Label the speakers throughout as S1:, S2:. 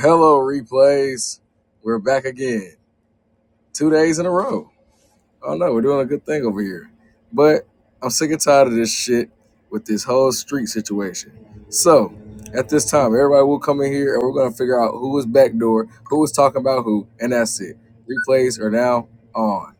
S1: Hello, replays. We're back again. Two days in a row. Oh no, we're doing a good thing over here. But I'm sick and tired of this shit with this whole street situation. So at this time, everybody will come in here and we're gonna figure out who was backdoor, who was talking about who, and that's it. Replays are now on.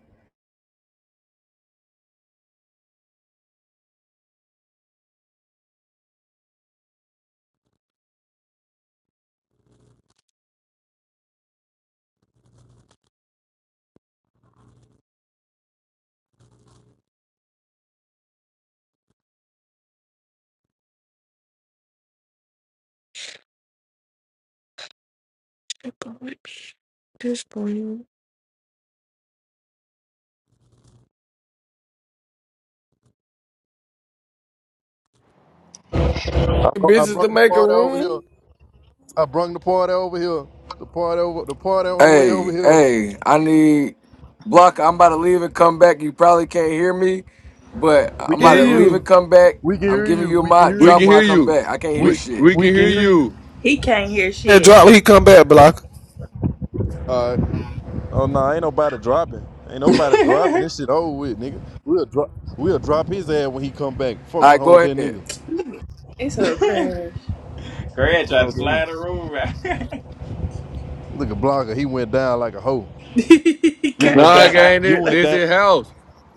S2: Acknowledge This morning.
S3: Oh, I
S4: bitches
S3: brung
S4: to
S3: the
S4: make a
S3: party over here.
S4: room?
S3: I brung the party over here. The party over the party on the way over
S1: Hey,
S3: here.
S1: hey, I need block. I'm about to leave and come back. You probably can't hear me, but
S3: We
S1: I'm
S3: can
S1: about
S4: Hear
S3: hear
S1: to leave
S3: you.
S1: and
S4: you.
S1: come back.
S3: We can
S1: I'm
S3: hear
S1: giving
S3: you.
S1: you a
S3: We can
S1: mod
S3: hear
S5: We
S1: drop
S5: can
S3: you.
S1: when I
S5: hear
S1: come
S5: you.
S1: back. I can't hear
S5: We
S3: We
S1: shit.
S5: we
S3: we
S5: can
S3: can
S5: hear
S3: hear you.
S5: you.
S6: He can't hear
S4: Yeah,
S6: shit.
S4: drop. He come back, block.
S5: All right.
S3: Oh no, ain't nobody dropping. Ain't nobody dropping. This shit over with, nigga. We'll drop we'll drop his ass when he come back. Fuck
S1: All right,
S3: around
S1: go
S3: with that
S1: ahead.
S3: nigga.
S6: It's so crash.
S7: Greg tried
S3: Oh,
S7: to
S3: damn.
S7: slide the rule out.
S3: Look at Blogger, he went down like a hoe. You went
S5: Nah,
S3: down.
S6: crash.
S5: gang,
S3: You
S5: this,
S3: went
S5: this
S3: down.
S5: is house.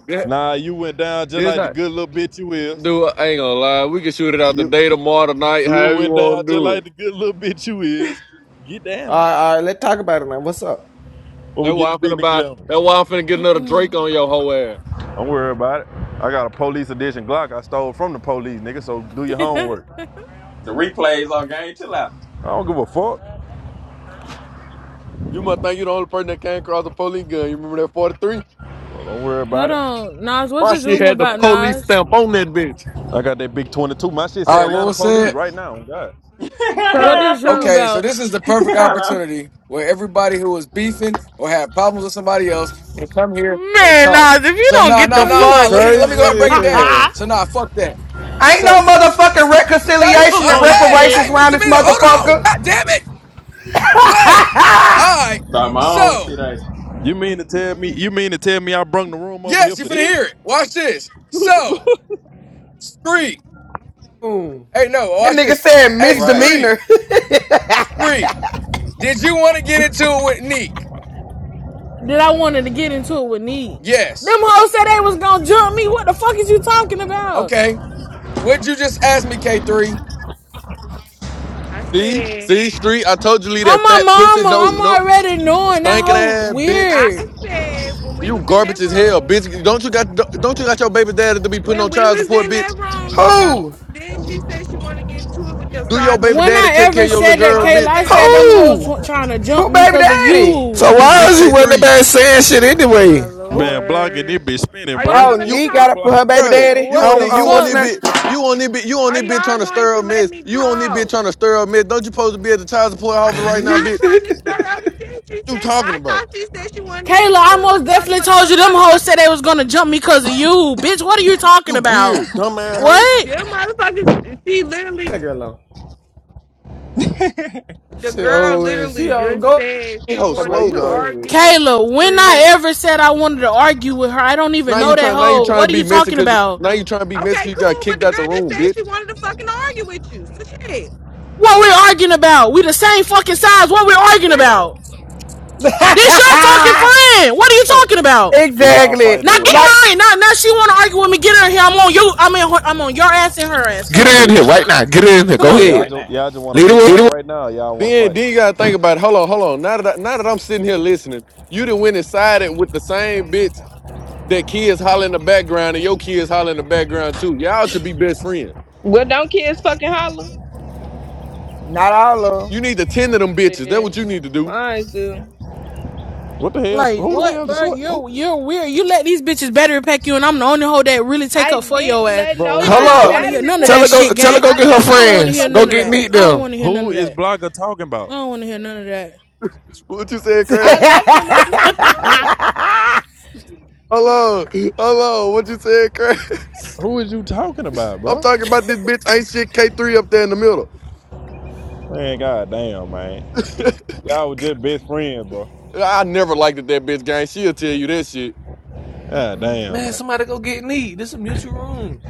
S5: This,
S3: Nah, you went down just
S5: this
S3: like the
S5: how-
S3: good little bitch you is.
S5: dude, I ain't gonna lie. We can shoot it out
S3: You.
S5: today, tomorrow, tonight,
S3: You
S5: however you
S3: went down
S5: wanna
S3: just
S5: do
S3: like
S5: it.
S3: the good little bitch you is. Get
S4: All
S3: down.
S4: right, all right, let's talk about it now. What's up?
S3: When we
S5: That's
S3: get in
S5: why
S3: the
S5: I'm finna
S3: business
S5: buy
S3: level.
S5: that's why I'm finna get another Drake
S8: Mm-mm.
S5: on your whole ass.
S3: Don't worry about it. I got a police edition Glock I stole from the police, nigga, so do your homework.
S7: the replays on game. Chill out.
S3: I don't give a fuck.
S5: You must think you the only person that came across a police gun. You remember that 43?
S3: So don't worry about
S8: Hold
S3: it.
S8: on, Nas. What
S5: My
S8: this
S5: shit
S8: room
S5: had the
S8: about,
S5: police
S8: Nas?
S5: stamp on that bitch.
S3: I got that big 22. My shit say
S1: All right, what
S3: Atlanta
S1: was
S3: police
S1: said?
S3: right now. God.
S8: What
S2: So,
S8: this room
S2: so,
S1: Okay, so
S8: about?
S1: this is the perfect
S2: so,
S1: opportunity where everybody who was beefing or had problems with somebody else can come here and
S8: Man,
S1: talk.
S8: Nas, if you
S1: So
S8: don't
S1: nah,
S8: get
S1: nah,
S8: the
S4: Bro,
S1: nah,
S4: you
S1: nah.
S8: fuck.
S1: Let me let me
S4: crazy
S1: go ahead and
S4: as
S1: break it down.
S4: hell.
S1: So nah, fuck that.
S9: Ain't no
S1: So
S9: motherfucking
S1: Taylor,
S9: reconciliation
S1: uh,
S9: and
S8: oh
S1: hey,
S9: reparations
S8: shit!
S1: hey,
S9: around
S1: Mr.
S9: this
S1: Mina, hold on.
S9: motherfucker.
S1: God damn it. Wait. All right.
S7: Start my own shit
S1: So
S7: out.
S3: You mean to tell me you mean to tell me I brung the room over here
S1: yes, you
S3: for
S1: finna
S3: this?
S1: hear it. Watch this.
S3: What the
S1: So
S3: fuck?
S1: Screet.
S4: Mm.
S1: Hey, no,
S9: That
S1: watch
S9: nigga
S1: this.
S9: said
S1: Hey,
S7: Right.
S1: Screet,
S9: misdemeanor.
S1: Screet. Did you want to get into it with Neek?
S8: Did I wanted to get into it with Nee? Them
S1: Yes.
S8: hoes said they was gonna jump me. What the fuck is you talking about?
S1: Okay. What'd you just ask me, K3?
S2: I
S5: See?
S2: said,
S5: See, Street, I told you leave that
S8: I'm my
S5: fat pussy,
S8: mama.
S5: no,
S8: I'm
S5: no,
S8: already knowing that
S5: stinking
S8: hoe
S5: ass bitch.
S2: I
S8: weird.
S2: said, when we
S5: You
S2: was in
S5: garbage
S2: that
S5: as hell,
S2: room,
S5: bitch. Don't you got don't you got your baby daddy to be putting
S2: when
S5: on
S2: we
S5: child
S2: was
S5: support,
S2: in
S5: bitch?
S2: that room, no,
S9: Who?
S2: then she said she wanted to get into it with them.
S5: Do
S2: So I,
S5: your
S2: go,
S5: baby
S8: When I
S5: daddies take care of
S8: ever
S2: I
S5: your little
S8: said
S2: went
S8: that,
S5: girls,
S8: Kayla,
S2: over
S8: I
S5: bitch?
S2: there.
S8: said them hoes
S9: Who?
S8: wa- trying to jump
S9: Who
S8: me
S9: baby
S8: because of
S9: daddy?
S8: you.
S4: So
S5: This
S4: why
S5: bitch
S4: is
S5: K
S4: you running
S5: three.
S4: back saying shit
S2: Oh my
S4: anyway?
S9: Who?
S3: Man, blocking it
S2: lord.
S3: be spinning,
S2: Are y'all
S3: bro.
S8: Like,
S2: gonna
S9: Oh,
S2: let
S5: You
S2: me
S9: Nee
S3: Fuck
S9: got
S2: talk?
S9: it for
S3: block.
S9: her baby
S5: bruh,
S9: daddy.
S5: you
S8: what
S5: on
S9: On
S8: the
S5: it, you
S9: on
S5: on
S9: what's the
S5: it,
S8: fuck?
S9: name?
S5: bitch. You on it, bitch. You on
S2: Are
S5: it, bitch.
S2: y'all
S5: Trying to
S2: going
S5: stir up
S2: to let
S5: mess.
S2: me
S5: You on it, bitch.
S2: talk?
S5: Trying to stir up mess. Don't you supposed to be at the child support
S2: I
S5: office right
S2: am
S5: now,
S2: not
S5: bitch?
S2: trying to
S4: that
S2: stir up shit. She
S5: You
S2: said,
S5: talking
S2: I
S5: about?
S2: thought she said she wanted to
S8: Kayla,
S2: get into
S8: I
S2: it with
S8: most
S2: the
S8: definitely
S2: motherfucker.
S8: told
S2: So the
S8: you them hoes said
S2: motherfucker,
S8: they was gonna jump me because of you. Bitch, what are you
S5: You
S8: talking about?
S5: weird, dumb ass hoe.
S8: What?
S2: them motherfuckers, she literally
S4: girl alone.
S2: The
S4: She
S2: girl
S4: over with.
S2: literally
S4: She over.
S2: just
S4: Go,
S2: said
S5: That
S2: she
S5: hoe
S4: bro.
S2: wanted
S5: slow
S2: to
S4: You
S5: gun.
S4: over
S2: argue
S4: with.
S2: with you,
S8: Kayla, when
S2: Street.
S8: I ever said I wanted to argue with her, I don't even
S5: Now
S8: know
S5: you
S8: that
S5: trying. Now you
S8: hoe.
S5: trying
S8: What
S5: to
S8: are
S5: be
S8: you
S5: messy
S8: talking
S5: because
S8: about?
S5: now you trying to be messy. 'cause
S2: Okay,
S5: You got
S2: cool, but
S5: kicked
S2: the
S5: out
S2: girl
S5: the
S2: just
S5: room,
S2: said
S5: bitch.
S2: she wanted to fucking argue with you. So shit,
S8: What we arguing about? We the same fucking size. What we arguing
S2: remember
S8: about? This your fucking friend. What are you
S2: that.
S8: talking about?
S3: Is y'all
S9: exactly.
S3: fighting
S8: Now
S3: or
S8: get
S3: what?
S9: Like
S8: her in. Now, now she wanna argue with me. Get her here. I'm on you. I'm in. Her, I'm on your ass and her ass. Come
S4: Get
S8: on.
S4: her in here
S3: So,
S4: right now. Get her in here.
S8: Come
S4: Go
S3: so
S8: on.
S3: y'all,
S4: ahead.
S7: Right
S3: just,
S7: now.
S3: y'all just want a
S4: Lead
S3: big
S4: the
S3: mic
S4: way.
S3: right now or y'all want to
S5: Then,
S3: fight?
S5: then you gotta think about it. Hold on, hold on. Now that I, now that I'm sitting here listening, you done went inside it with the same bitch that kids holler in the background and your kids holler in the background too. Y'all should be best friends.
S2: Well, don't kids fucking holler?
S9: not all of
S5: You need to tend to them bitches. That's
S2: Yeah,
S5: what you need to do.
S2: mine do.
S3: What the hell?
S8: Like
S3: Who the
S8: what,
S3: hell is
S8: bro?
S3: what? Who,
S8: You're you're weird. You let these bitches better pack you, and I'm the only hoe that really take
S2: I
S8: up for your
S2: didn't
S8: ass.
S2: let
S3: bro,
S8: Man,
S3: who
S8: girl,
S4: Hold
S3: is
S8: I
S2: nobody
S8: don't
S4: up.
S8: want to hear
S3: Blogger?
S2: battery
S8: none of
S2: pack
S4: Tell
S8: that
S4: her
S2: me
S4: go
S8: shit,
S4: tell
S2: street.
S4: her
S8: gang.
S4: go
S2: I
S4: get her
S2: left
S8: I
S2: the
S8: don't want to
S4: friends.
S8: hear
S4: Go
S8: none of
S4: get
S2: motherfucking
S8: that.
S4: Neat
S8: I
S2: room.
S8: don't
S4: them.
S8: want to hear none
S3: Who
S8: of
S3: is
S8: that.
S3: Blogger talking
S8: I
S3: about?
S8: don't want to hear none
S5: What you said,
S9: them.
S2: I
S5: Craig?
S2: left the
S8: of
S2: motherfucking
S8: that.
S2: room.
S5: hold on. hold on. What you said, Craig?
S3: Who is you talking about,
S5: I'm
S3: bro?
S5: talking about this bitch ain't shit K3 up there in the middle.
S3: Man, god damn, man. Y'all were just best friends, bro.
S5: I never liked it, that bitch gang. She'll tell you that shit.
S3: God damn,
S4: Man,
S3: man.
S4: somebody go get Neat. This is a mutual room.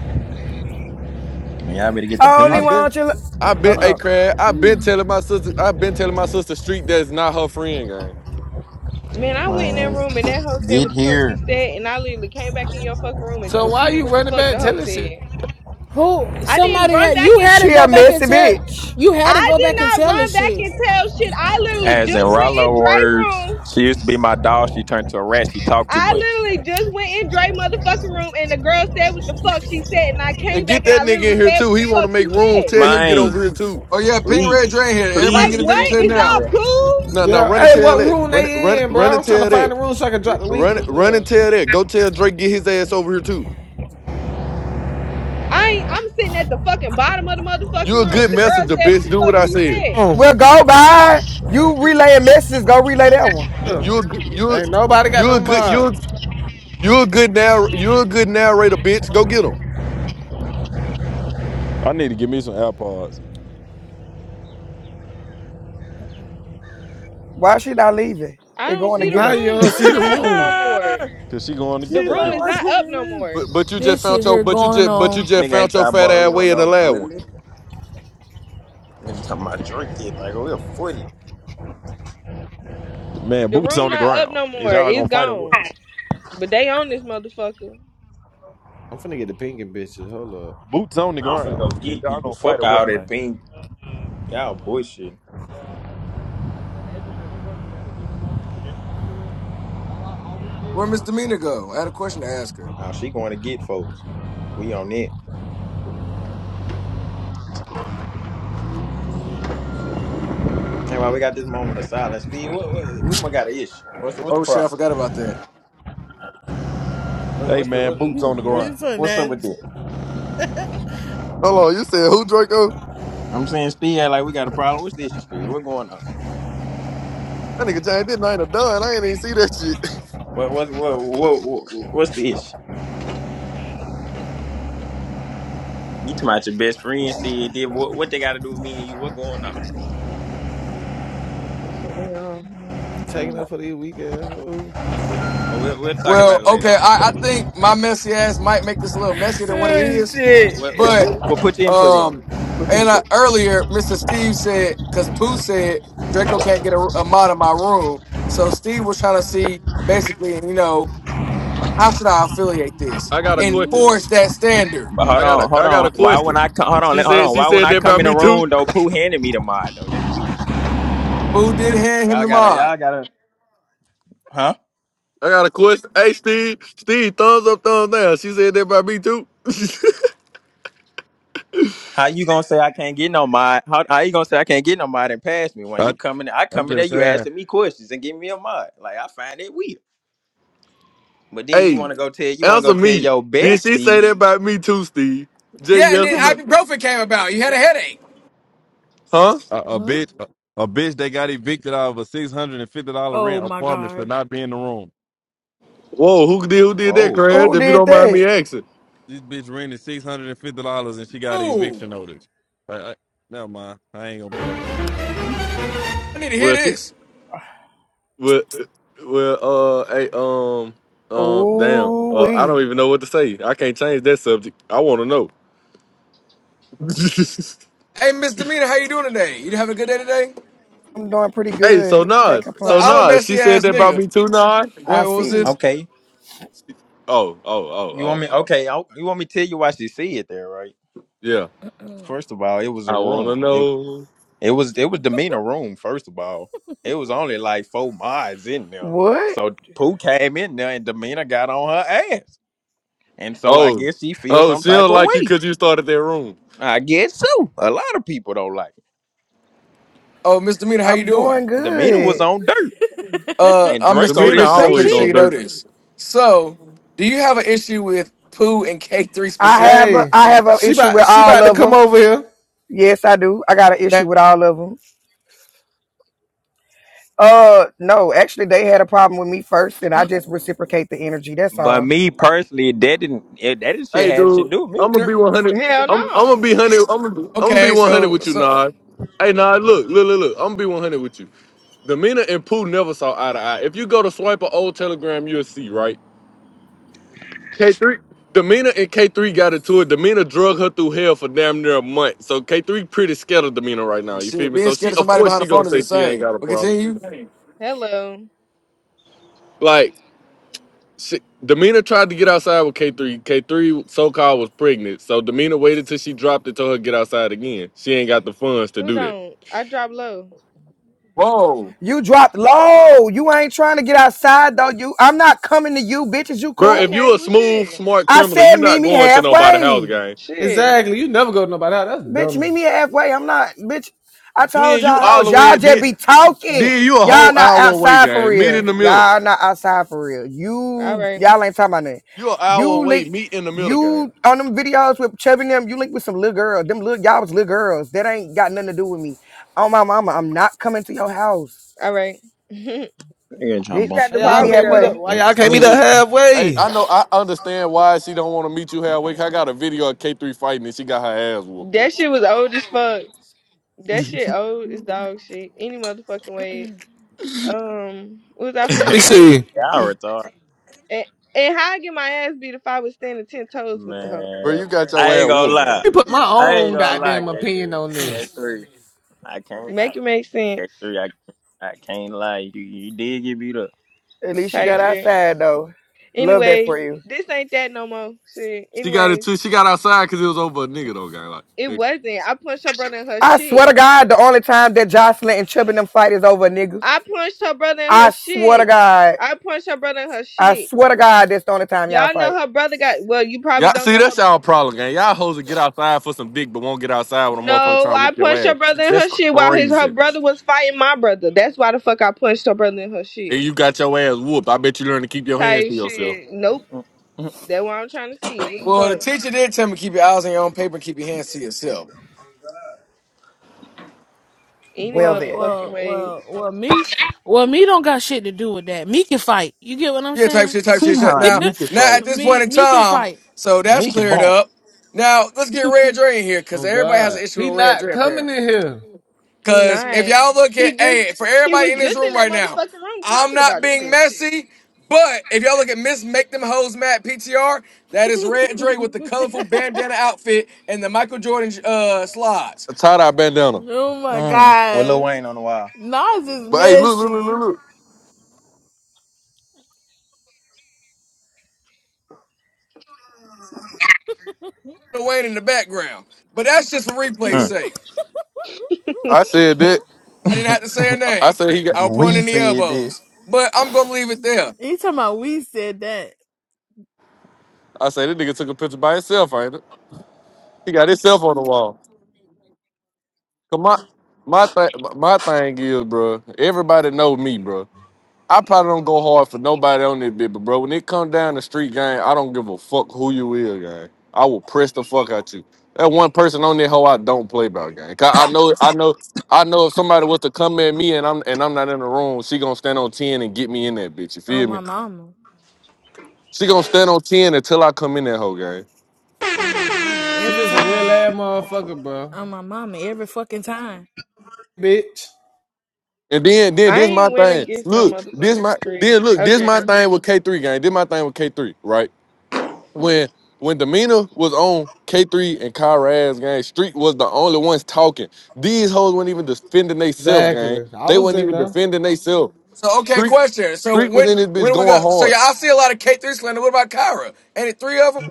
S7: Man, y'all better get the
S9: Only
S5: I've
S7: ping.
S5: been,
S9: want you.
S5: I've been,
S9: Hold
S5: hey
S9: on.
S5: Craig. I've been telling my sister, I've been telling my sister Street that's not her friend gang.
S2: Man, I went in that
S7: Man,
S2: room and that hoe said
S7: get
S2: what the fuck she
S7: here.
S2: said, and I literally came back in your fucking room and
S4: So why
S2: repeated
S4: you
S2: what the
S4: running
S2: fuck the
S4: back
S2: hoe
S4: telling shit?
S2: said.
S8: Who?
S2: I didn't
S8: Somebody
S2: run
S8: had
S2: back
S8: you
S2: in.
S8: had to
S9: She a
S8: go back and
S9: messy
S8: tell
S9: bitch.
S8: you had to
S2: I
S8: go back and
S2: did not
S8: tell her
S2: run back
S8: shit.
S2: and tell shit. I literally
S7: As in
S2: just went
S7: Rollo
S2: in Dre
S7: words,
S2: room.
S7: she used to be my dog. She turned to a rat. She talked too
S2: I
S7: much.
S2: literally just went in Dre motherfucking room and the girl said what the fuck she said and I
S5: And
S2: came
S5: get
S2: back and
S5: that
S2: I
S5: nigga
S2: literally
S5: in here
S2: said
S5: too.
S2: what
S5: He
S2: the
S5: want
S2: fuck
S5: to make
S2: she
S5: room.
S2: said.
S5: Tell him get
S7: Man,
S5: over here too.
S1: Oh, yeah, Ping
S7: please,
S1: Red Drain here. Everybody can
S7: please
S2: Like
S1: get a
S7: get
S1: big
S7: that
S2: what?
S1: clip
S2: Is
S7: nigga in
S1: now.
S2: y'all
S7: there.
S2: cool?
S5: Now, now,
S4: Yeah.
S5: run and
S4: Hey,
S5: tell
S4: what
S5: that.
S4: room
S5: Run, run,
S4: they in, bro?
S5: run and
S4: I'm trying to
S5: tell
S4: find
S5: that.
S4: the room so I can drop the link
S5: Run,
S4: over
S5: run and
S4: there.
S5: tell that. Go tell Drake get his ass over here too.
S2: I ain't, I'm sitting at the fucking bottom of the motherfucking
S5: You a
S2: room.
S5: good
S2: The girl
S5: messenger,
S2: said what
S5: bitch.
S2: the
S5: Do what
S2: fuck
S5: I
S2: she
S5: said.
S2: said.
S4: Oh.
S9: Well, go by. You
S5: You,
S9: relay a message. Go relay that one.
S5: you,
S4: Yeah.
S5: you a good, you, a-
S4: Ain't nobody got
S5: you
S4: no
S5: a good, you,
S4: mod.
S5: a- you a good now, you a good narrator, bitch. Go get him.
S3: I need to give me some AirPods.
S9: Why she not leaving
S2: I
S9: and
S2: don't
S9: going to
S2: see the
S9: get
S4: Now
S9: her?
S4: you
S2: room. The
S4: don't see
S2: room
S4: the
S2: not up no
S4: room.
S2: more.
S3: Cause she going to
S2: The
S3: get
S7: she
S3: that
S2: room
S7: like,
S3: nigga.
S2: is
S7: what's he
S2: not up no
S7: live?
S2: more.
S5: But, but you just
S8: This
S5: found
S8: shit
S5: your,
S8: here
S5: but you
S8: going
S5: just, but you
S8: on.
S5: just
S7: Nigga ain't
S5: found your
S7: try to
S5: fat
S7: ball
S5: ass
S7: here with
S5: way in the
S7: no
S5: loud one.
S7: bully. Nigga talking about Drake did like we're forty.
S3: Man,
S2: The
S3: boots
S2: room
S3: on the
S2: not up
S3: ground.
S2: no
S3: Is
S2: more.
S3: y'all
S2: It's
S3: gonna fight or what?
S2: gone. But they own this motherfucker.
S4: I'm finna get the pinking bitches. Hold up.
S3: Boots on the
S7: I'm finna go
S3: ground. Is
S7: get
S3: y'all
S7: people.
S3: gonna fight
S7: Fuck
S3: or
S7: all
S3: what,
S7: that
S3: man?
S7: ping. Y'all bullshit.
S1: Where'd Miss Demeanor go? I had a question to ask her.
S7: How she going to get folks? We on it. That's why we got this moment of silence. Steve, what, what, we might got an issue. What's the, what's the
S1: Oh, shit, I
S7: problem?
S1: forgot about that.
S7: What,
S3: Hey
S7: what's the
S3: man,
S7: what,
S3: boots on
S7: what-
S3: the
S7: what's
S8: You're
S3: ground.
S8: so
S7: what's up with
S8: nasty.
S7: that?
S5: Hold on, you said who Draco?
S7: I'm saying Steve, act like we got a problem. What's the issue, Steve? What going on?
S5: That nigga changed his name to Dunn. I ain't even see that shit.
S7: What what what what, what what's the issue? You talking about your best friend said did what, what they got to do with me and you? What going on?
S2: Yeah, yeah.
S4: Taking
S8: Mm-mm.
S4: up for the weekend. Oh.
S7: Well, we'll, we'll talk
S1: Well,
S7: about it later
S1: okay,
S7: on.
S1: I, I think my messy ass might make this a little messier than what it
S8: Oh
S1: is,
S8: shit.
S7: We'll, we'll,
S1: but
S7: we'll put your input in.
S1: um,
S7: Put your
S1: and I,
S7: input.
S1: earlier, Mr. Steve said, because Pooh said Draco can't get a, a mod in my room. So Steve was trying to see basically, you know, how should I affiliate this?
S5: I got a question.
S8: Mm.
S1: Enforce that standard.
S7: But hold
S5: I got a
S7: on, hold
S5: I got a
S7: on. Why when
S5: question.
S7: I come, hold on,
S5: She
S7: let- hold
S5: said
S7: on.
S5: she
S7: Why when
S5: said
S7: I
S5: that
S7: come
S5: about
S7: in the
S5: me too.
S7: room though, Pooh handed me the mod though. That's weird.
S1: Pooh did hand him
S7: Y'all
S1: the
S7: gotta,
S1: mod?
S7: y'all gotta, huh?
S5: I got a question. Hey Steve, Steve, thumbs up, thumbs down. She said that about me too.
S7: How you gonna say I can't get no mod? How, how you gonna say I can't get no mod and pass me when
S3: I,
S7: you come in? I
S3: I'm
S7: come in there,
S3: just
S7: you
S3: saying,
S7: asking me questions and give me a mod. Like I find it weird. But then you
S5: hey,
S7: wanna go tell, you wanna
S5: answer
S7: go tell
S5: me.
S7: your
S5: Did she say
S7: bestie.
S5: that about me too, Steve? J
S1: Yeah, and
S5: yes
S8: He's
S1: then
S5: or no?
S8: talking.
S1: ibuprofen came about. You had a headache.
S5: Huh?
S3: a, a
S8: about- Huh?
S3: bitch, a, a bitch that got evicted out of a six hundred and fifty dollar
S8: Oh
S3: rent
S8: my
S3: apartment should
S8: gosh.
S3: not be in the room.
S5: Whoa, who did who did that,
S7: Whoa.
S5: Craig?
S9: Who
S5: If you
S9: did
S5: don't mind
S9: that?
S5: me asking.
S3: This bitch rented six hundred and fifty dollars and she got an
S1: Ooh,
S3: eviction notice. I, I, never mind. I ain't gonna put up with you out there.
S1: I need to hear
S5: Well see,
S1: this.
S5: well uh, well uh hey um um damn.
S9: Ooh,
S5: Uh I don't
S9: we.
S5: even know what to say. I can't change that subject. I wanna know.
S1: Hey, Miss Demeanor, how you doing today? You having a good day today?
S9: I'm doing pretty
S5: hey, so
S9: good. Can't
S5: Nas,
S1: So
S5: so
S1: I'm a
S9: complain.
S5: Nas, she
S1: messy
S5: said
S1: ass
S5: that about
S1: nigga. Wait,
S5: me too, Nas?
S9: I
S1: what was this?
S9: see.
S7: Okay.
S5: Oh, oh, oh,
S7: You want me?
S5: oh, oh.
S7: Okay. I, you want me to tell you why she see it there, right?
S5: Yeah.
S7: First of all, it was a
S5: I wanna
S7: room.
S5: know.
S7: It was it was demeanor room, first of all. It was only like four mods in there.
S9: What?
S7: So Pooh came in there and Demeanor got on her ass. And so I
S5: Oh,
S7: guess she feels
S5: oh,
S7: some
S5: she
S7: type
S5: don't
S7: of
S5: like you
S7: way.
S5: because you started that room.
S7: I guess so. A lot of people don't like
S1: Oh, Miss Demeanor, how you
S9: I'm
S1: doing?
S9: doing
S7: it. Demeanor was
S9: good.
S7: on dirt
S1: Uh,
S7: and
S1: I'm Mr.
S7: Draco
S1: Get
S5: Demeanor
S7: didn't
S1: Bitches. I'm
S7: say
S1: pretty
S5: always
S1: sure
S5: on
S7: shit.
S1: you know
S5: dirt.
S1: this. So, do you have an issue with poo and K3
S9: I have
S1: specifically?
S9: a
S4: Hey.
S9: I have an
S4: She
S9: issue
S4: about
S9: with
S4: she
S9: all
S4: about to
S9: of
S4: come
S9: them.
S4: over here.
S9: Yes, I do. I got an
S1: Now,
S9: issue with all of them. Uh, no, actually, they had a problem with me first, and I just reciprocate the energy. That's
S7: But
S9: all.
S7: me personally, that didn't it, that didn't shit
S5: Hey,
S7: had shit to
S5: dude,
S7: do with
S5: I'm
S7: me.
S5: gonna be
S1: Demeanor?
S5: 100.
S2: Hell
S5: I'm, I'm gonna
S2: no.
S5: be 100. I'm gonna, I'm gonna be
S1: Okay,
S5: 100
S1: so
S5: with you,
S1: so
S5: Nas. Hey, Nas, look, look, look, look. I'm gonna be 100 with you. Demeanor and Pooh never saw eye to eye. If you go to swipe an old telegram, you'll see, right? K3, Demina and K3 got into it. Demina drug her through hell for damn near a month. So K3 pretty scared of Demina right now.
S1: oh,
S5: You feel
S1: shit,
S5: me?
S1: being
S5: So
S1: scared
S5: she,
S1: of
S5: of
S1: somebody
S5: course,
S1: behind the
S5: she gonna
S1: phone is
S5: say she ain't
S1: insane.
S5: got a
S1: But
S5: problem.
S1: continue.
S2: Hello.
S5: Like, she, Demina tried to get outside with K3. K3 so-called was pregnant. So Demina waited till she dropped it, to her to get outside again. She ain't got the funds to
S2: Who
S5: do that.
S2: don't? I drop low.
S1: Whoa.
S9: You dropped low. You ain't trying to get outside though. You, I'm not coming to you, bitches. You
S5: Bro, if
S9: cool?
S2: Okay,
S5: you a
S2: well
S5: smooth,
S2: shit.
S5: smart
S9: I
S5: criminal, you
S9: said meet
S5: not
S9: me
S5: going to nobody's house,
S9: halfway.
S5: gang.
S2: Shit.
S4: Exactly. You never go to nobody house. That's
S9: Bitch,
S4: dummy.
S9: meet me halfway. I'm not, bitch. I told
S5: Then you
S9: y'all
S5: all
S9: hoes,
S5: the
S9: y'all
S5: way,
S9: just
S5: then,
S9: be talking.
S5: then you a
S9: Y'all
S5: whole
S9: not
S5: hour away,
S9: outside for
S5: gang. Meet
S9: real.
S5: in the middle.
S9: Y'all not outside for real.
S2: All
S9: You,
S2: right.
S9: y'all ain't talking about nothing.
S5: You an hour
S9: You
S5: away,
S9: link,
S5: meet in the middle, gang.
S9: you on them videos with Chubby and them, you link with some little girls. Them little, y'all was little girls. That ain't got nothing to do with me. Oh, my mama, I'm not coming to your house.
S2: All right. you
S7: Nigga ain't trying to bump
S2: got
S9: Bitch,
S4: Why
S2: the
S9: meet
S4: y'all
S9: me
S7: up.
S2: problem
S4: can't meet up?
S9: halfway.
S2: though.
S4: Why y'all can't meet
S5: Hey,
S4: up
S5: hey,
S4: halfway?
S5: I know I understand why she don't want to meet you halfway. 'cause I got a video of K3 fighting and she got her ass whooped. gang.
S2: That shit was old as fuck. That shit old as dog shit. Any motherfucking ways. Um, what was I
S4: Let me
S2: finna say?
S4: see. Let
S7: Y'all retarded.
S2: And, and how I get my ass beat if I was standing ten toes with the hoe?
S5: Bro,
S7: Man,
S5: you got your
S7: I
S5: ass
S7: ain't gonna
S5: whooped, gang.
S7: lie.
S4: me put my
S7: I ain't
S4: own
S7: gonna lie,
S4: goddamn opinion
S7: K3.
S4: on this.
S7: K3. I can't. I,
S2: Make it make sense.
S7: K3, I, I can't lie. You, you did get beat up.
S9: At least you
S2: Type
S9: got
S2: shit.
S9: outside though. Love that
S2: Anyways,
S9: for you.
S2: this ain't that no more. Shit.
S5: She got it
S2: Anyways,
S5: too. She got outside because it was over a nigga though, gang. Like,
S2: it
S5: hey.
S2: wasn't. I punched her brother in her
S9: I
S2: shit.
S9: swear to God, the only time that Jocelyn and Chubby and them fight is over, nigga.
S2: I punched her brother in her
S9: I swear to
S2: shit.
S9: God.
S2: I punched her brother in her
S9: I
S2: shit.
S9: swear to God, that's the only time y'all
S2: Y'all
S9: fight.
S2: know her brother got well, you probably
S5: y'all
S2: don't
S5: see
S2: know
S5: that's
S2: her
S5: y'all problem, gang. Y'all hoes will get outside for some dick, but won't get outside when a motherfucker
S2: No,
S5: trying to
S2: I
S5: whoop your
S2: punched her
S5: ass.
S2: brother in
S5: That's
S2: her shit while his her
S5: crazy.
S2: brother was fighting my brother. That's why the fuck I punched her brother in her
S5: And
S2: shit.
S5: you got your ass whooped. I bet you learn to keep your hands
S2: Type
S5: to yourself.
S2: shit. Nope.
S7: Mm, mm.
S2: That's what I'm trying to see. What the
S1: Well, the
S2: fuck?
S1: teacher did tell me keep your eyes on your own paper and keep your hands to yourself.
S2: Any
S9: Well
S8: Well,
S9: then.
S2: motherfucking
S8: well,
S2: way.
S8: well, well, me, well, me don't got shit to do with that. Me can fight. You get what I'm
S1: Yeah, type
S8: saying?
S1: shit, type
S7: See
S1: shit,
S7: how
S1: shit.
S7: I
S1: Now,
S7: meek it
S1: now
S7: fight.
S1: at this point
S8: Me,
S1: in
S8: me can
S1: time,
S8: fight.
S1: so that's
S7: Mickey
S1: cleared
S7: Bump.
S1: up. Now let's get Red Dre in here because
S4: Oh
S1: everybody has
S4: God,
S1: an
S4: he
S1: issue with Red
S4: not
S1: Dre
S4: coming
S1: apparently.
S4: in here.
S2: He
S1: Because if
S2: not.
S1: y'all look
S2: He
S1: at,
S2: just
S1: hey, for
S2: he
S1: everybody
S2: was
S1: in this
S2: just in
S1: room
S2: that
S1: right now,
S2: motherfucking room
S1: I'm
S2: talking
S1: not
S2: about the
S1: being
S2: shit.
S1: messy, but if y'all look at Miss Make Them Hoes Mad PTR, that is Red Dre with the colorful bandana outfit and the Michael Jordan uh, slides.
S5: A tie-dye bandana.
S8: Oh my
S7: Mm, with Lil
S8: gosh.
S7: Wayne on the wall.
S8: Nas is
S5: But hey, look, look, look, look,
S8: messy.
S5: look.
S1: Wayne in the background, but that's just for replay's
S7: Mm.
S1: sake.
S5: I said that.
S1: I didn't have to say a
S5: I I
S1: name.
S5: said he got.
S1: I'll point
S7: We
S1: in the
S7: said this.
S1: elbows, but I'm gonna leave it there.
S8: Each time I we said that
S5: I said this nigga took a picture by himself, ain't it? He got himself on the wall. Cause my my th- my thing is, bro. Everybody know me, bro. I probably don't go hard for nobody on this bit, but bro, when it come down the street gang, I don't give a fuck who you is, gang. I will press the fuck out you. That one person on that hoe I don't play about, gang. 'Cause I know, I know, I know if somebody was to come at me and I'm and I'm not in the room, she gonna stand on ten and get me in that bitch. You
S8: on
S5: feel
S8: my
S5: me?
S8: mama.
S5: She gonna stand on ten until I come in that hoe, gang.
S4: She
S8: Every
S4: just a real
S8: time.
S4: ass motherfucker, bro.
S8: On my mama. Every fucking time.
S4: Bitch.
S5: And then, then
S2: I
S5: this my
S2: ain't win
S5: thing.
S2: against no
S5: Look, this
S2: motherfucking
S5: my
S2: screen.
S5: then look, this my
S2: Okay.
S5: thing with K three gang. This my thing with K three, right? when when demeanor was on K3 and Kyra's gang, Street was the only ones talking. These hoes weren't even defending themselves, gang.
S4: Exactly. I
S5: They
S4: was
S5: weren't
S4: in
S5: even
S4: there.
S5: defending themselves.
S1: So okay,
S5: Street
S1: question. So
S5: Street was in
S1: when
S5: this bitch
S1: when we go,
S5: going
S1: so
S5: hard.
S1: yeah, I see a lot of K three slander. What about Kyra? Ain't it three of them?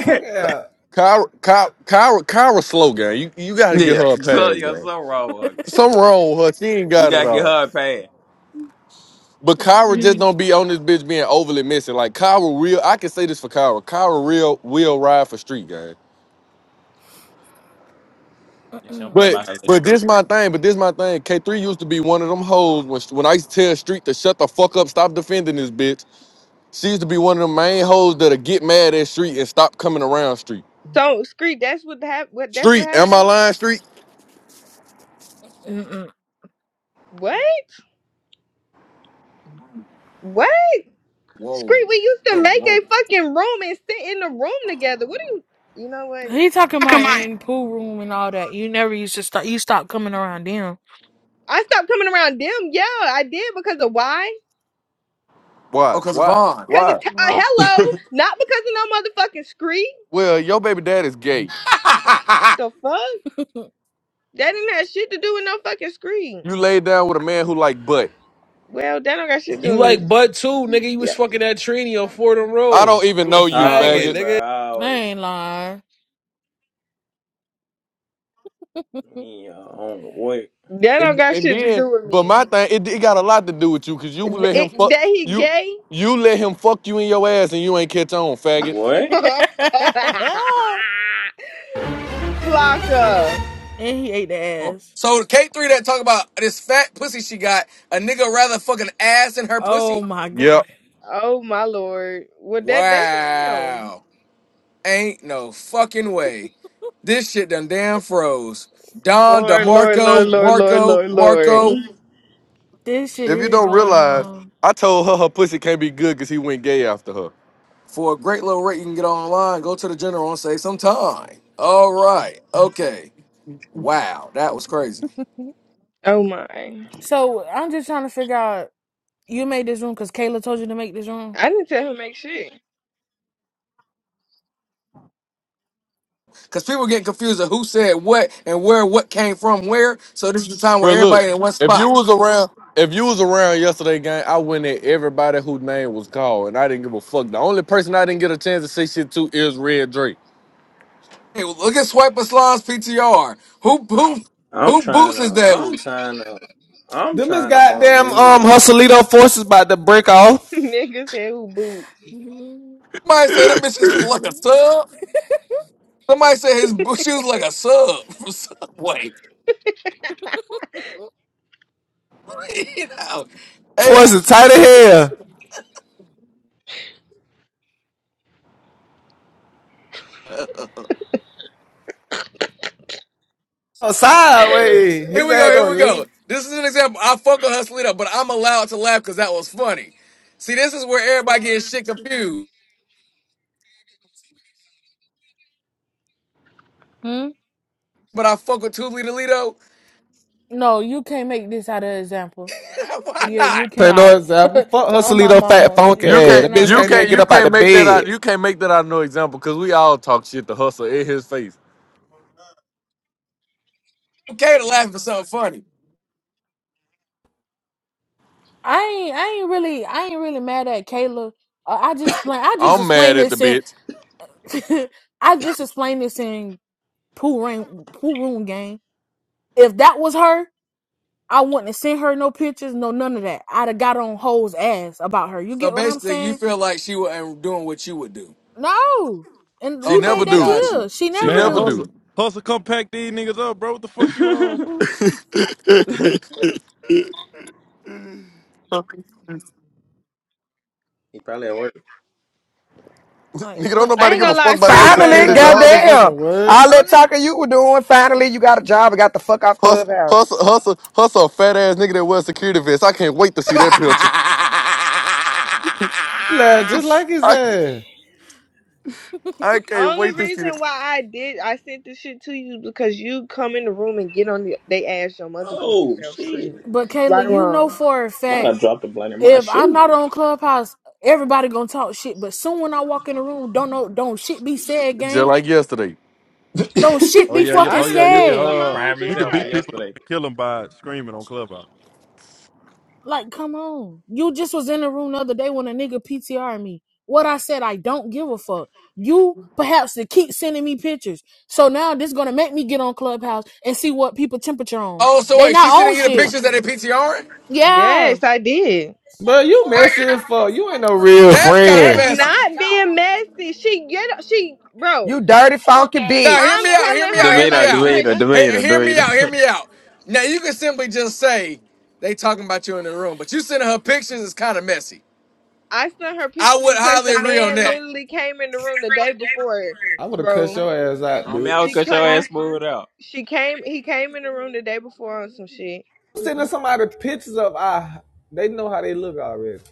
S4: Fuck yeah.
S5: Kyra, Kyra, Kyra, Kyra slow, gang. You you gotta give
S7: yeah,
S5: her a
S7: so
S5: pass,
S7: you're
S5: gang.
S7: so wrong. Okay,
S5: Something wrong with her. She ain't
S7: you
S5: got it
S7: gotta get
S5: all.
S7: her a pad.
S5: But Kyra
S8: Mm-mm.
S5: just don't be on this bitch being overly missing. Like Kyra real, I can say this for Kyra. Kyra real will ride for Street, gang.
S7: Yeah, she don't play by
S5: But
S7: her little
S5: but
S7: street.
S5: this my thing. But this my thing. K three used to be one of them hoes when when I used to tell Street to shut the fuck up, stop defending this bitch. She used to be one of them main hoes that'll get mad at Street and stop coming around Street.
S2: So Scree, that's what hap- what that's what
S5: Street, am I
S2: happened?
S5: lying, Street?
S8: Mm-mm.
S2: What? What?
S1: Whoa,
S2: Scree, we used to
S1: oh,
S2: make a
S1: whoa.
S2: fucking room and sit in the room together. What do you you know what?
S8: He talking
S5: Come
S8: about
S5: on.
S8: in pool room and all that. You never used to stop. You stopped coming around them.
S2: I stopped coming around them. Yeah, I did because of why?
S5: Why?
S1: Oh, cause of
S5: Why?
S1: Vaughn.
S2: Because
S5: Why?
S2: of t- uh,
S8: Well,
S2: hello, not because of no motherfucking Scree.
S5: Well, your baby dad is gay.
S2: The fuck? That didn't have shit to do with no fucking Scree.
S5: You laid down with a man who like butt.
S2: Well, that don't got shit to do
S10: You
S2: with me.
S10: like butt too, nigga. You was
S2: Yeah.
S10: fucking that Trini on Fordham
S5: I don't
S10: Road.
S5: even
S10: You a
S5: know you,
S10: faggot,
S7: always,
S5: faggot.
S7: bro.
S10: nigga.
S8: I
S7: Always.
S8: ain't lying.
S7: Yeah, I don't wait.
S2: That don't
S5: And,
S2: got
S5: and
S2: shit to
S5: then,
S2: do with
S5: but my
S2: me.
S5: thing, it, it got a lot to do with you, cause you let him
S2: It,
S5: fuck
S2: that he
S5: you.
S2: gay?
S5: You let him fuck you in your ass, and you ain't catch on, faggot.
S7: What?
S2: Blocker.
S8: And he ate the
S1: Oh.
S8: ass.
S1: So K three that talk about this fat pussy she got a nigga rather fucking ass in her pussy.
S8: Oh my god.
S5: Yep.
S2: Oh my lord. Well that that's not him.
S1: Wow, ain't no fucking way. This shit done damn froze. Don
S2: Lord, Lord, Lord,
S1: DeMarco,
S2: Lord, Lord,
S1: Marco,
S2: Lord, Lord.
S1: Marco.
S8: This shit
S5: If you
S8: here
S5: don't
S8: going
S5: realize,
S8: on.
S5: I told her her pussy can't be good because he went gay after her.
S1: For a great little rate, you can get online. Go to the general and say some time. All right, okay. Wow, that was crazy.
S2: Oh my.
S8: So I'm just trying to figure out you made this room because Kayla told you to make this room.
S2: I didn't tell him make shit.
S1: Because people get confused of who said what and where what came from where. So this is the time where
S5: Bro, look,
S1: everybody in one
S5: if you
S1: spot.
S5: was around, if you was around yesterday, gang, I went at everybody whose name was called, and I didn't give a fuck. The only person I didn't get a chance to say shit to is Red Drake.
S1: Hey, well, look at Swipe Aslan's PTR. Who who
S7: I'm
S1: who
S7: trying
S1: boots
S7: to.
S1: his
S7: I'm
S1: Devils?
S7: trying to. I'm
S4: Them is
S7: trying to bump
S4: goddamn um
S7: his
S4: Hustlito forces about to break off.
S2: Niggas said who boots.
S1: Somebody said them bitches look like a sub. Somebody said his bo- shoes like a sub from Subway. you know. Hey,
S4: Forces tight of hell. Oh, sideways.
S1: here
S4: His
S1: we go,
S4: ass
S1: here
S4: gonna
S1: we go.
S4: lean.
S1: This is an example. I fuck with Hustlita, but I'm allowed to laugh because that was funny. See, this is where everybody gets shit confused.
S8: Hmm?
S1: But I fuck with Tuli Toledo.
S8: No, you can't make this out of example.
S1: Why
S8: You
S1: not?
S8: you
S4: Take
S8: cannot.
S4: no example. Fuck
S8: oh my
S4: Hustlito fat
S8: mama.
S4: funky
S5: You
S8: You
S4: ass.
S5: can't,
S4: That
S8: cannot
S4: bitch
S5: you
S8: make
S4: can't
S8: that
S5: can't,
S4: even
S8: to
S4: get
S5: you
S8: me.
S4: up out
S5: can't
S4: the
S5: make that
S4: bed.
S5: out. You can't make that out no example because we all talk shit to Hustle in his face.
S1: Okay to laugh at something funny.
S8: I ain't I ain't really I ain't really mad at Kayla. Uh, I just explain I just
S5: I'm mad
S8: explained
S5: at the
S8: this in
S5: bitch.
S8: I just explained this in pool room pool room game. If that was her, I wouldn't have sent her no pictures, no none of that. I'd have got on hoes ass about her. You
S1: So
S8: get what I'm
S1: basically, you
S8: saying?
S1: feel like she was doing what you would do.
S8: No. And
S5: She
S8: we
S5: never
S1: Okay,
S8: made that
S5: do.
S1: got you.
S8: clear. She
S5: She
S8: never
S3: Man,
S5: never do.
S3: hustle,
S8: do.
S3: hustle, come pack these niggas up, bro. What the fuck you on?
S7: head.
S3: fool?
S7: he probably at work.
S8: Like
S5: Nigga, don't
S8: what,
S2: I
S5: nobody
S2: ain't
S5: give
S8: bro?
S5: a
S2: gonna lie,
S5: fuck about
S2: Screek.
S5: your
S2: The
S4: Nigga
S2: only
S4: ain't
S9: Finally,
S5: security
S4: that
S2: reason
S4: no
S2: why
S5: dog.
S2: I sent-
S4: motherfucking
S9: goddamn.
S4: word.
S9: All that
S2: only
S9: talking you were doing, finally you got a job and got the fuck off
S5: Hustle,
S9: Clubhouse.
S5: hustle, hustle, hustle, a fat ass nigga that wears security vests. I can't wait to see that picture.
S4: Laugh just like his
S5: I,
S4: ass.
S5: I can't
S2: only
S5: wait to see
S2: reason
S5: that.
S2: why I did I sent this shit to you because you come in the room and get on the they ass your motherfucking
S7: Oh
S2: self
S7: shit!
S2: Screek.
S8: But
S2: Right
S8: Kayla,
S2: or
S8: you know
S2: wrong.
S8: for a
S7: Might
S8: fact,
S7: have dropped a blunt in my
S8: if I'm
S7: shoe.
S8: not on Clubhouse, everybody gonna talk shit. But soon when I walk in the room, don't know don't shit be said,
S5: Just
S8: gang.
S5: like yesterday.
S8: Don't shit
S3: Oh
S8: be
S3: yeah, yeah,
S2: I
S8: fucking
S3: oh yeah.
S2: didn't see
S3: You can
S2: it
S8: scared.
S2: with my
S3: uh,
S2: own
S7: Prime
S2: two
S3: you can
S7: example for
S3: beat
S2: eyes.
S3: people up
S7: yesterday.
S3: and kill them by screaming on clubhouse.
S8: Like, come on. You just was in the room the other day when a nigga PTR me. What I said, I don't give a fuck. You perhaps to keep sending me pictures. So now this gonna make me get on Clubhouse and see what people temperature on.
S1: oh, so
S8: They
S1: wait,
S8: not
S1: she
S8: on
S1: sending you the
S8: shit.
S1: pictures that they PTRing?
S8: Yeah.
S2: Yes, I did.
S4: But you messy as fuck. You ain't no real
S1: That's kind of
S2: That's
S4: friend.
S1: messy.
S2: not being messy. She get she bro.
S9: You dirty funky
S1: Now, hear
S2: I'm
S1: me
S9: bitch.
S1: out, hear
S2: telling
S1: me out,
S2: her
S1: hear me
S7: Demeanor,
S2: like
S1: out.
S2: son.
S7: demeanor,
S2: Sh-
S1: He-
S7: demeanor,
S1: hear me
S7: demeanor.
S1: out, hear me out. Now, you can simply just say they talking about you in the room, but you sending her pictures is kind of messy.
S2: I sent her
S1: I
S2: pictures
S1: would
S2: because
S1: highly
S2: the
S1: agree on
S2: man
S1: that.
S2: literally came in the room the day before,
S4: I would have cussed
S2: bro.
S4: your ass out,
S7: I'm out
S2: She
S4: bitch.
S7: cut your
S2: couldn't.
S8: Huh?
S7: ass smooth out.
S2: She came. He came in the room the day before on some shit.
S4: Sending
S8: Mm-mm.
S4: somebody pictures of I. They know how they look already.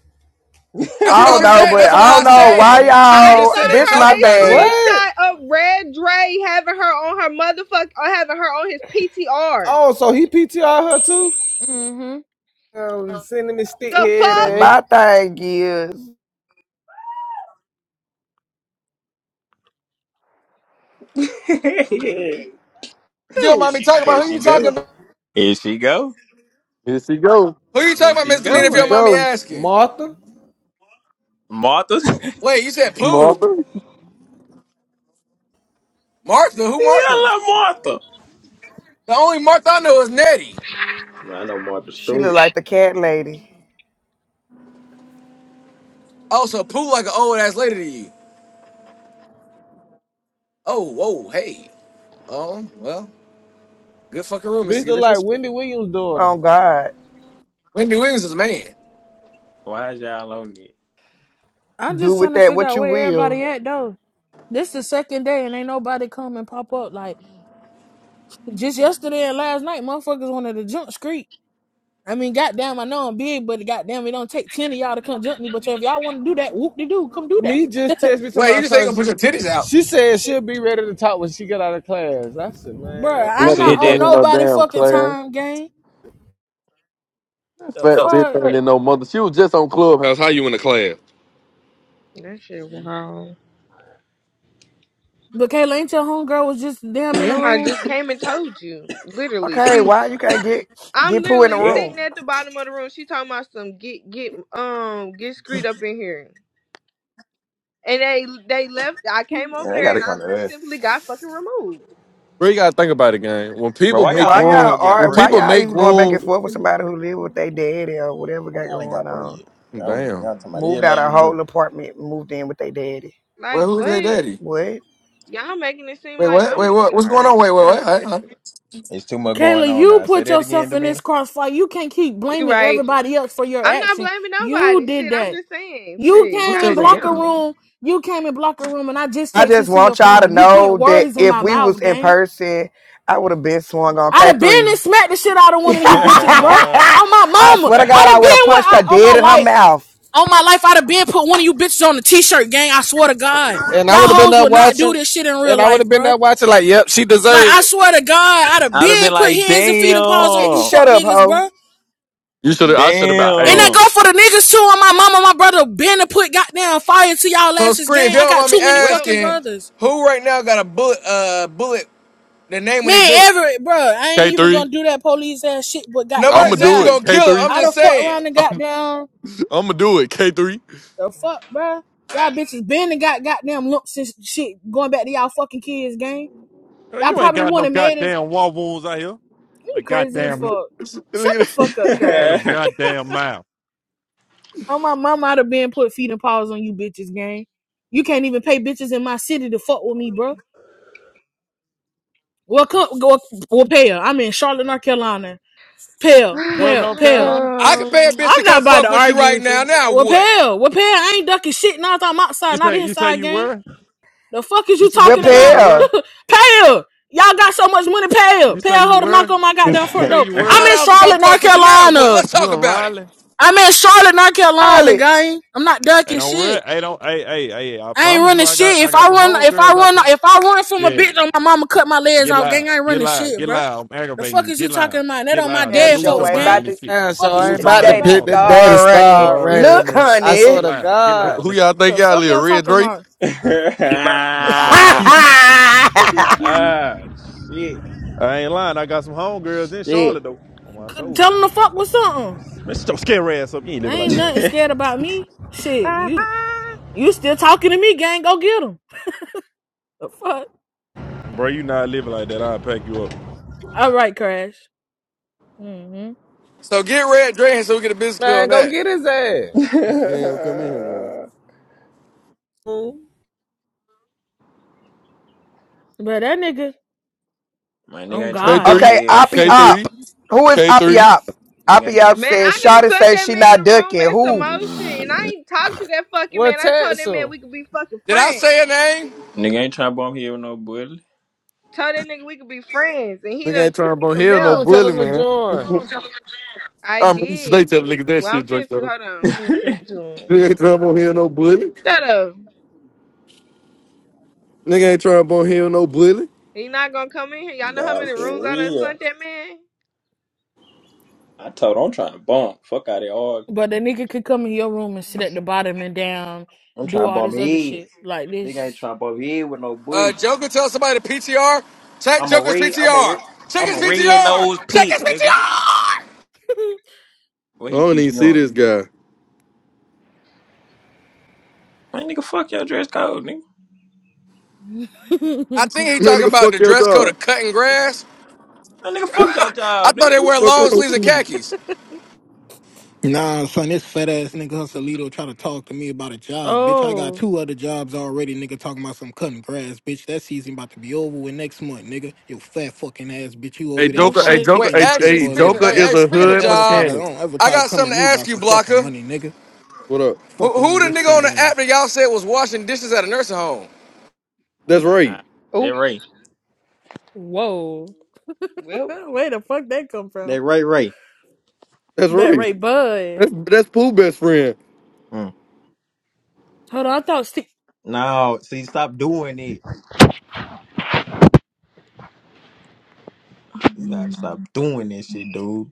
S1: That's
S9: I
S1: what
S9: don't
S1: I'm
S9: know,
S1: saying.
S9: but
S1: That's
S9: I
S8: oh
S1: why
S9: don't
S1: I
S8: my
S9: know
S1: said
S9: why
S8: mama.
S1: she could have
S2: I
S9: y'all
S1: just said they
S9: this my
S1: talking about
S9: thing.
S1: you.
S4: What?
S2: sent her a screenshot of Red Dre having her on her motherfuck or having her on his PTR.
S4: Oh, so he PTR her too?
S8: Mm-hmm.
S4: Um, sending me stick
S2: The
S4: head
S2: fuck
S4: ass.
S9: My thing is
S7: Here
S1: If your
S2: who?
S1: mommy talking about who
S7: she
S1: you talking
S7: go.
S1: about?
S7: Here she go.
S5: Here she go.
S1: Who you
S7: Here
S1: talking about,
S7: she
S1: Mr.
S5: Here
S1: if
S7: go,
S5: she
S1: your
S7: ain't it?
S1: mommy
S5: go.
S1: asking?
S4: Martha?
S7: Martha. yeah,
S1: Wait, you said Pooh?
S5: Martha.
S1: Martha? Who Martha?
S7: I love Martha.
S1: The only Martha I know is Nettie.
S7: I know Martha
S9: she look
S7: Stewart.
S9: like the cat lady.
S1: Oh, so Pooh like an old ass lady to you. Oh, whoa, hey. Oh, well, good fucking room, Mr.
S4: Bitch look like
S1: Gibbons.
S4: Wendy Williams' daughter.
S9: Oh God.
S1: Wendy Williams is a man.
S7: Why is y'all on it?
S8: I'm
S9: Do
S8: just trying
S9: with
S8: to
S9: that
S8: figure
S9: what
S8: out
S9: you
S8: where everybody
S9: will.
S8: at though. This the second day and ain't nobody come and pop up. Like just yesterday and last night, motherfuckers wanted to jump street. I mean, goddamn, I know I'm big, but goddamn, it don't take ten of y'all to come jump me. But if y'all want to do that, whoop de doo, come do that,
S4: He just text me to
S1: Wait, you
S4: my
S1: just ain't
S4: son.
S1: gonna put your titties out.
S4: She said she'll be ready to talk when she get out of class. I said, man.
S8: Bruh,
S7: Who
S5: That
S8: I'm not
S7: said
S5: bitch
S8: on
S7: that?
S5: ain't in no
S8: nobody
S5: damn
S8: fucking
S5: class.
S8: time, gang.
S5: Fat
S8: The
S5: bitch
S8: fuck.
S5: ain't in no mother. She was just on Clubhouse. How you in the class?
S2: That shit wow.
S8: But Kayla, ain't your homegirl was just damn in
S2: Yeah,
S8: the
S2: I
S8: room.
S2: just came and told you. Literally, she
S9: Okay, why you can't get
S2: I'm
S9: get poo in the
S2: literally
S7: Yeah,
S2: sitting
S9: room?
S2: at the bottom of the room. She talking about some get get um get screwed up in here. And they they left. I came
S7: man,
S2: over
S7: they
S2: there
S7: gotta
S2: and I
S7: come to us.
S2: simply got fucking removed.
S5: Bro, you gotta think about it, gang. When
S7: Bro,
S5: people
S7: why
S5: make
S7: y'all
S9: Why
S7: ain't went to
S5: room,
S7: go
S9: y'all
S7: get
S5: when
S9: are
S7: bro
S9: why
S5: people
S7: yet?
S9: y'all
S5: make
S9: even going back and
S5: room,
S9: forth with somebody who live with their daddy or whatever
S7: Why
S9: got
S7: y'all ain't
S9: going
S7: got bro
S9: on?
S7: yet? Y'all, went-
S5: damn.
S7: y'all talking about
S9: moved out
S7: everybody
S9: her
S7: but
S9: whole
S7: bro.
S9: apartment, moved in with their daddy.
S1: Wait,
S2: Like
S1: who's their
S2: what?
S1: daddy?
S9: What?
S2: Y'all making it seem
S1: Wait,
S2: like
S1: what?
S2: I'm
S1: Wait,
S2: just
S1: what?
S2: all
S1: What's going
S2: right.
S1: on? Wait, wait,
S2: Y'all
S1: what?
S2: got
S1: Huh?
S2: that
S1: Huh?
S2: shit.
S7: It's too much going
S8: Kayla,
S7: on
S8: you
S7: now. Say
S8: put
S7: that again,
S8: yourself in this
S7: Domina.
S8: crossfire. You can't keep
S2: You
S8: blaming
S2: right.
S8: everybody else for your
S2: I'm not
S8: action.
S2: blaming
S8: You
S2: nobody.
S8: did
S2: Shit, I'm
S8: that.
S2: just saying.
S8: You
S2: Shit,
S1: Who's
S8: came
S1: their
S8: in
S1: their
S8: blocker
S1: daddy?
S2: goddamn.
S8: room. You came in blocker room, and I just
S9: I
S8: texted this
S9: just
S8: to your
S9: want y'all to
S8: phone. You put
S9: know that
S8: words in
S9: if
S8: my
S9: we was
S8: mouth,
S9: in
S8: gang.
S9: person, I would have been swung on
S8: I'd
S9: K
S8: have been and
S9: three.
S8: smacked the shit out of one of you bitches, bro.
S7: I'd
S8: On my
S9: I
S8: mama.
S9: swear to God,
S8: I'd
S9: I
S8: have
S9: would have
S8: been one,
S9: punched
S8: I,
S9: her
S8: on my
S9: dead in her
S8: life.
S9: mouth.
S8: On my life, I'd have been put one of you bitches on the t-shirt gang. I swear to God.
S4: And I
S8: Y'all
S4: would have been
S8: hoes
S4: there
S8: would not do
S4: watching.
S8: this shit in real
S4: And I would
S8: life,
S4: have been
S8: bro.
S4: there watching like, yep, she
S8: Like,
S4: deserved
S8: I
S4: it.
S8: swear to God, I'd have
S7: have
S8: been
S7: been
S8: put
S7: like,
S8: hands and feet and paws on you
S7: damn,
S8: fuck
S9: shut up,
S8: niggas,
S9: hoe.
S8: bro.
S5: You should have. I should have.
S8: And
S5: Hey,
S8: that go
S7: damn.
S8: for the niggas too. On my mama, my brother, been to put goddamn fire to y'all
S1: So,
S8: asses
S1: Screen, if
S8: gang. I
S1: your
S8: got
S1: mommy
S8: too many
S2: Well,
S8: fucking
S1: asking,
S8: brothers.
S1: who right now got a bullet, uh, bullet, the name on their
S8: Man,
S1: bullet?
S8: Everett, bro, I ain't
S5: K
S8: even
S5: three.
S8: gonna do that police ass shit, but
S1: Nobody
S5: I'ma
S8: goddamn,
S1: said
S5: do
S1: you're
S8: yeah.
S5: it.
S1: gonna
S5: K
S1: kill her.
S5: three.
S1: I'm
S8: I'd
S1: just
S8: have fucked
S1: saying.
S8: around and goddamn
S5: I'ma do it. K three.
S8: The fuck, bruh?
S5: Look
S8: Y'all bitches been and got goddamn lumps and shit going back to y'all fucking kids' game.
S3: Girl,
S8: Y'all
S3: you ain't
S8: probably the
S3: got
S8: one
S3: no
S8: that made it.
S3: goddamn war wounds out here.
S8: You
S3: Like
S8: crazy as
S3: goddamn, look
S8: fuck.
S5: at
S8: Shut the
S5: that.
S8: fuck up, Crash.
S3: your goddamn mouth.
S8: Oh my mama I'd have been put feet and paws on you bitches, gang. You can't even pay bitches in my city to fuck with me, bruh. Well, come, go, well, pay her. I'm in Charlotte, North Carolina. Pell,
S3: Well,
S8: pell,
S3: North
S8: pell.
S3: Carolina,
S1: I can pay a
S2: um,
S1: bitch to
S8: I'm not
S1: come
S8: about to
S1: fuck with you
S8: argue
S1: right
S8: with
S1: now.
S8: you.
S1: Now
S8: Well,
S1: what?
S8: pell, well, pell. I ain't ducking shit. Now I'm outside,
S3: you
S8: not
S3: say you say
S8: inside,
S3: you
S8: gang.
S3: were,
S8: The fuck is
S3: you
S8: you
S3: say you
S8: talking
S9: Whip
S3: say you
S8: about?
S3: were,
S9: her.
S8: pay her. Y'all got so much money, pay her.
S3: you
S8: Pay
S3: say
S8: her
S3: you
S8: hoe to knock
S3: were,
S8: on my goddamn
S3: you
S8: front
S3: say
S8: door.
S3: you
S8: I'm
S3: were.
S1: Hot
S8: in
S1: dollars to come
S8: Charlotte, North
S1: fuck with you. Now what?
S8: Carolina.
S1: Let's
S3: You
S1: talk
S3: in
S1: about it.
S3: Raleigh?
S8: I'm in Charlotte, North Carolina,
S9: Holly.
S8: gang. I'm not
S3: They
S8: ducking
S3: don't re
S8: shit.
S3: They don't. Hey, hey, hey! I
S8: I ain't
S3: promise you,
S8: running
S3: I got,
S8: shit.
S3: I
S8: If
S3: got
S8: I
S3: some
S8: run, if I
S3: homegirls out
S8: run,
S3: there.
S8: if I run from a
S3: Yeah,
S8: bitch, my mama cut my legs
S3: get
S8: off,
S3: loud,
S8: gang. I ain't
S3: get
S8: running
S3: loud,
S8: shit,
S3: get
S8: bro.
S3: loud. I'm
S8: The
S3: aggravating
S8: fuck
S3: you.
S8: is you
S3: Get
S8: talking
S3: loud,
S8: about? That
S3: get
S8: on my
S3: loud, nigga.
S9: Damn
S8: dead
S3: Lose
S9: sure
S3: your
S8: folks,
S9: ain't
S3: mind
S8: gang.
S3: in
S9: about
S3: this
S9: this
S3: shit.
S8: The
S4: Yeah, so
S8: fuck is
S4: I
S8: you
S3: Lose
S4: ain't
S3: your
S4: about
S8: talking
S4: to
S3: mind
S9: day
S3: in
S9: to
S3: this
S4: pick
S8: about?
S4: the
S3: motherfucker.
S4: day
S9: start
S4: to
S9: running.
S4: start running.
S9: Look,
S5: Already.
S4: I swear
S3: Get
S9: honey.
S4: to
S3: loud, get
S5: Who
S4: God,
S3: loud,
S5: who
S3: nigga.
S5: y'all think
S8: The
S5: y'all
S8: fuck
S5: live?
S8: y'all
S5: Red
S8: talking
S5: Drake?
S8: about?
S3: Get loud in this
S7: ah,
S3: motherfucker.
S7: ah, shit,
S3: I ain't lying. I got some homegirls in
S7: shit.
S3: Charlotte though. On my soul.
S8: Tell them the fuck with something.
S3: Man, shut your scare ass up. You ain't
S8: I
S3: living like
S8: ain't
S3: that,
S8: nothing
S3: nigga.
S8: scared about me. Shit, you. You still talking to me, gang? Go get him. The fuck.
S3: Bro, you not living like that. I'll pack you up.
S8: All right, Crash. hmm
S1: So get red drain so we get a business clear
S4: man,
S1: on
S4: go
S1: that.
S4: get his ass.
S5: He ain't gonna come in here, man.
S4: Hmm?
S8: But that nigga,
S7: My nigga
S8: on
S7: ain't trying to
S8: God.
S7: bump
S5: K3?
S9: Okay,
S7: head.
S9: Oppie
S8: but
S5: K3?
S9: Op. Who is Oppie
S5: K3?
S9: Op?
S7: Nigga
S9: Oppie
S7: ain't trying.
S9: Op
S2: man,
S9: says,
S2: I done
S9: Shawty
S2: sent
S9: says
S2: that
S9: she
S2: man in
S9: not
S2: the room
S9: ducking.
S2: and some
S9: Who?
S2: more shit, and I ain't talked to that fucking
S4: Well,
S2: man. I told
S4: text
S2: that man
S4: him.
S2: we could be fucking
S1: Did I
S2: friends.
S1: say a name?
S7: Nigga ain't trying to bump here with no bully.
S2: Told that nigga we could be friends, and he
S5: Nigga
S2: done
S5: ain't trying
S2: took
S5: to
S2: it
S5: bone
S2: from
S5: hell no
S4: Room,
S2: there.
S4: tell
S5: bully,
S4: him to
S5: man.
S4: join.
S2: I
S5: I'm used to they
S2: did.
S5: tell niggas that
S2: Well, I'm
S5: shit, Drake,
S2: finna to
S5: though.
S2: hold on. Let me send it to him.
S5: Nigga ain't trying to bone hell no bully.
S2: Shut up.
S5: Nigga ain't trying to bone hell no bully.
S2: He not gonna come in here. Y'all know how
S7: nah,
S2: many rooms
S7: for
S2: I done
S7: real.
S2: sent that man.
S7: I told her I'm trying to bump. Fuck out of here. all.
S8: that nigga could come in your room and sit at the bottom and down,
S7: I'm
S8: do
S7: trying to
S8: all
S7: bump
S8: this other
S7: head.
S8: shit like
S7: Nigga ain't
S8: this.
S7: trying to bump head with no
S1: Uh,
S7: bully.
S1: Joker tell somebody to PTR. Check
S7: I'm a
S1: Joker's
S7: red. I'm a red.
S1: PTR. Check
S7: I'm
S1: his
S7: a red nose
S1: PTR. Check his
S7: pig, nigga.
S1: PTR.
S7: What
S5: I
S7: he
S5: don't
S7: P
S5: even
S7: T
S5: see this
S7: on?
S5: guy.
S7: Man, nigga, fuck your dress code, nigga.
S1: I think he
S5: Man,
S1: talking
S5: nigga,
S1: about
S5: fuck
S1: the
S5: your
S1: dress code
S5: dog.
S1: of cutting grass.
S7: Man, nigga, fuck your
S1: I
S7: job,
S1: thought
S7: nigga.
S1: they wear
S5: fuck your
S1: long
S5: whole
S1: sleeves and
S5: team.
S1: khakis.
S11: Nah, son, this fat ass nigga Hustlito try to talk to me about a job. Bitch, I got
S8: oh,
S11: two other jobs already, nigga, talking about some cutting grass. Bitch, that season about to be over with next month, nigga. You fat fucking ass, bitch. You
S5: Hey,
S11: over there
S8: no
S5: Joker, hey,
S11: frying
S8: shit.
S5: Joker,
S1: Wait,
S11: chicken
S5: hey,
S11: and shit
S1: actually,
S5: hey,
S11: for a
S1: speaking of,
S11: living,
S5: Joker
S1: hey,
S5: is
S11: bitch.
S1: hey,
S5: a
S1: speaking
S11: Don't
S1: of
S5: hood
S11: ever try to,
S1: jobs,
S5: mechanic.
S11: don't ever
S1: I
S11: try to
S1: got
S11: come at
S1: something to
S11: me
S1: ask
S11: about
S1: you,
S11: some fucking
S1: Blocker.
S11: money, nigga.
S5: What up?
S1: Who,
S11: Fuck wrong
S1: who
S11: with
S1: the
S11: this
S1: nigga on
S11: fat
S1: the app
S11: ass.
S1: that y'all said was washing dishes at a nursing home?
S5: That's Ray.
S7: that
S2: Oh
S7: right.
S8: Whoa.
S2: well.
S8: Where the fuck that come from?
S7: That right, right.
S5: That's
S8: That
S5: Ray.
S8: Ray Bud.
S5: That's that's Pooh best friend.
S7: Mm.
S8: Hold on, I thought Steve.
S7: No, see, stop doing it. You gotta stop doing this shit, dude.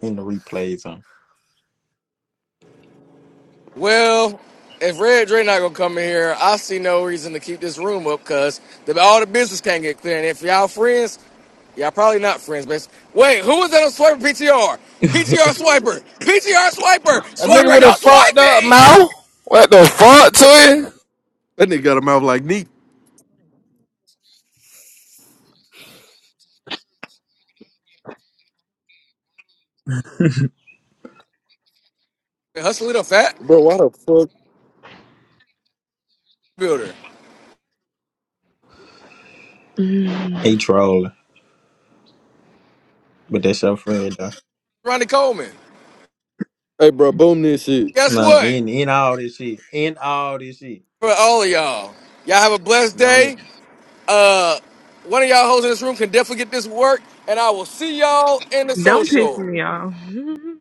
S7: In the replays, on.
S1: Well, if Red Dre not gonna come in here, I see no reason to keep this room up because all the business can't get clear. And if y'all friends, y'all probably not friends, but wait, who was that on Swiper P T R? P T R Swiper, PTR Swiper,
S4: A
S8: Who
S4: nigga
S8: was
S1: Swiper
S4: with
S8: that?
S4: a
S1: don't
S4: fucked
S1: swipe
S4: up
S1: me!
S4: mouth. What the fuck to him?
S5: That nigga got a mouth like Neek.
S1: Hustle Little Fat
S5: Bro, why the fuck?
S1: Builder,
S7: he trolling, but that's your friend, though.
S1: Ronnie Coleman.
S5: Hey, bro, boom this shit.
S1: Guess
S7: Man,
S1: what?
S7: in in all this shit. In all this shit.
S1: For all of y'all, y'all have a blessed
S7: Gone
S1: day.
S7: it.
S1: One of y'all hoes in this room can definitely get this work, and I will see y'all in the
S2: Don't piss
S1: social.
S2: me off.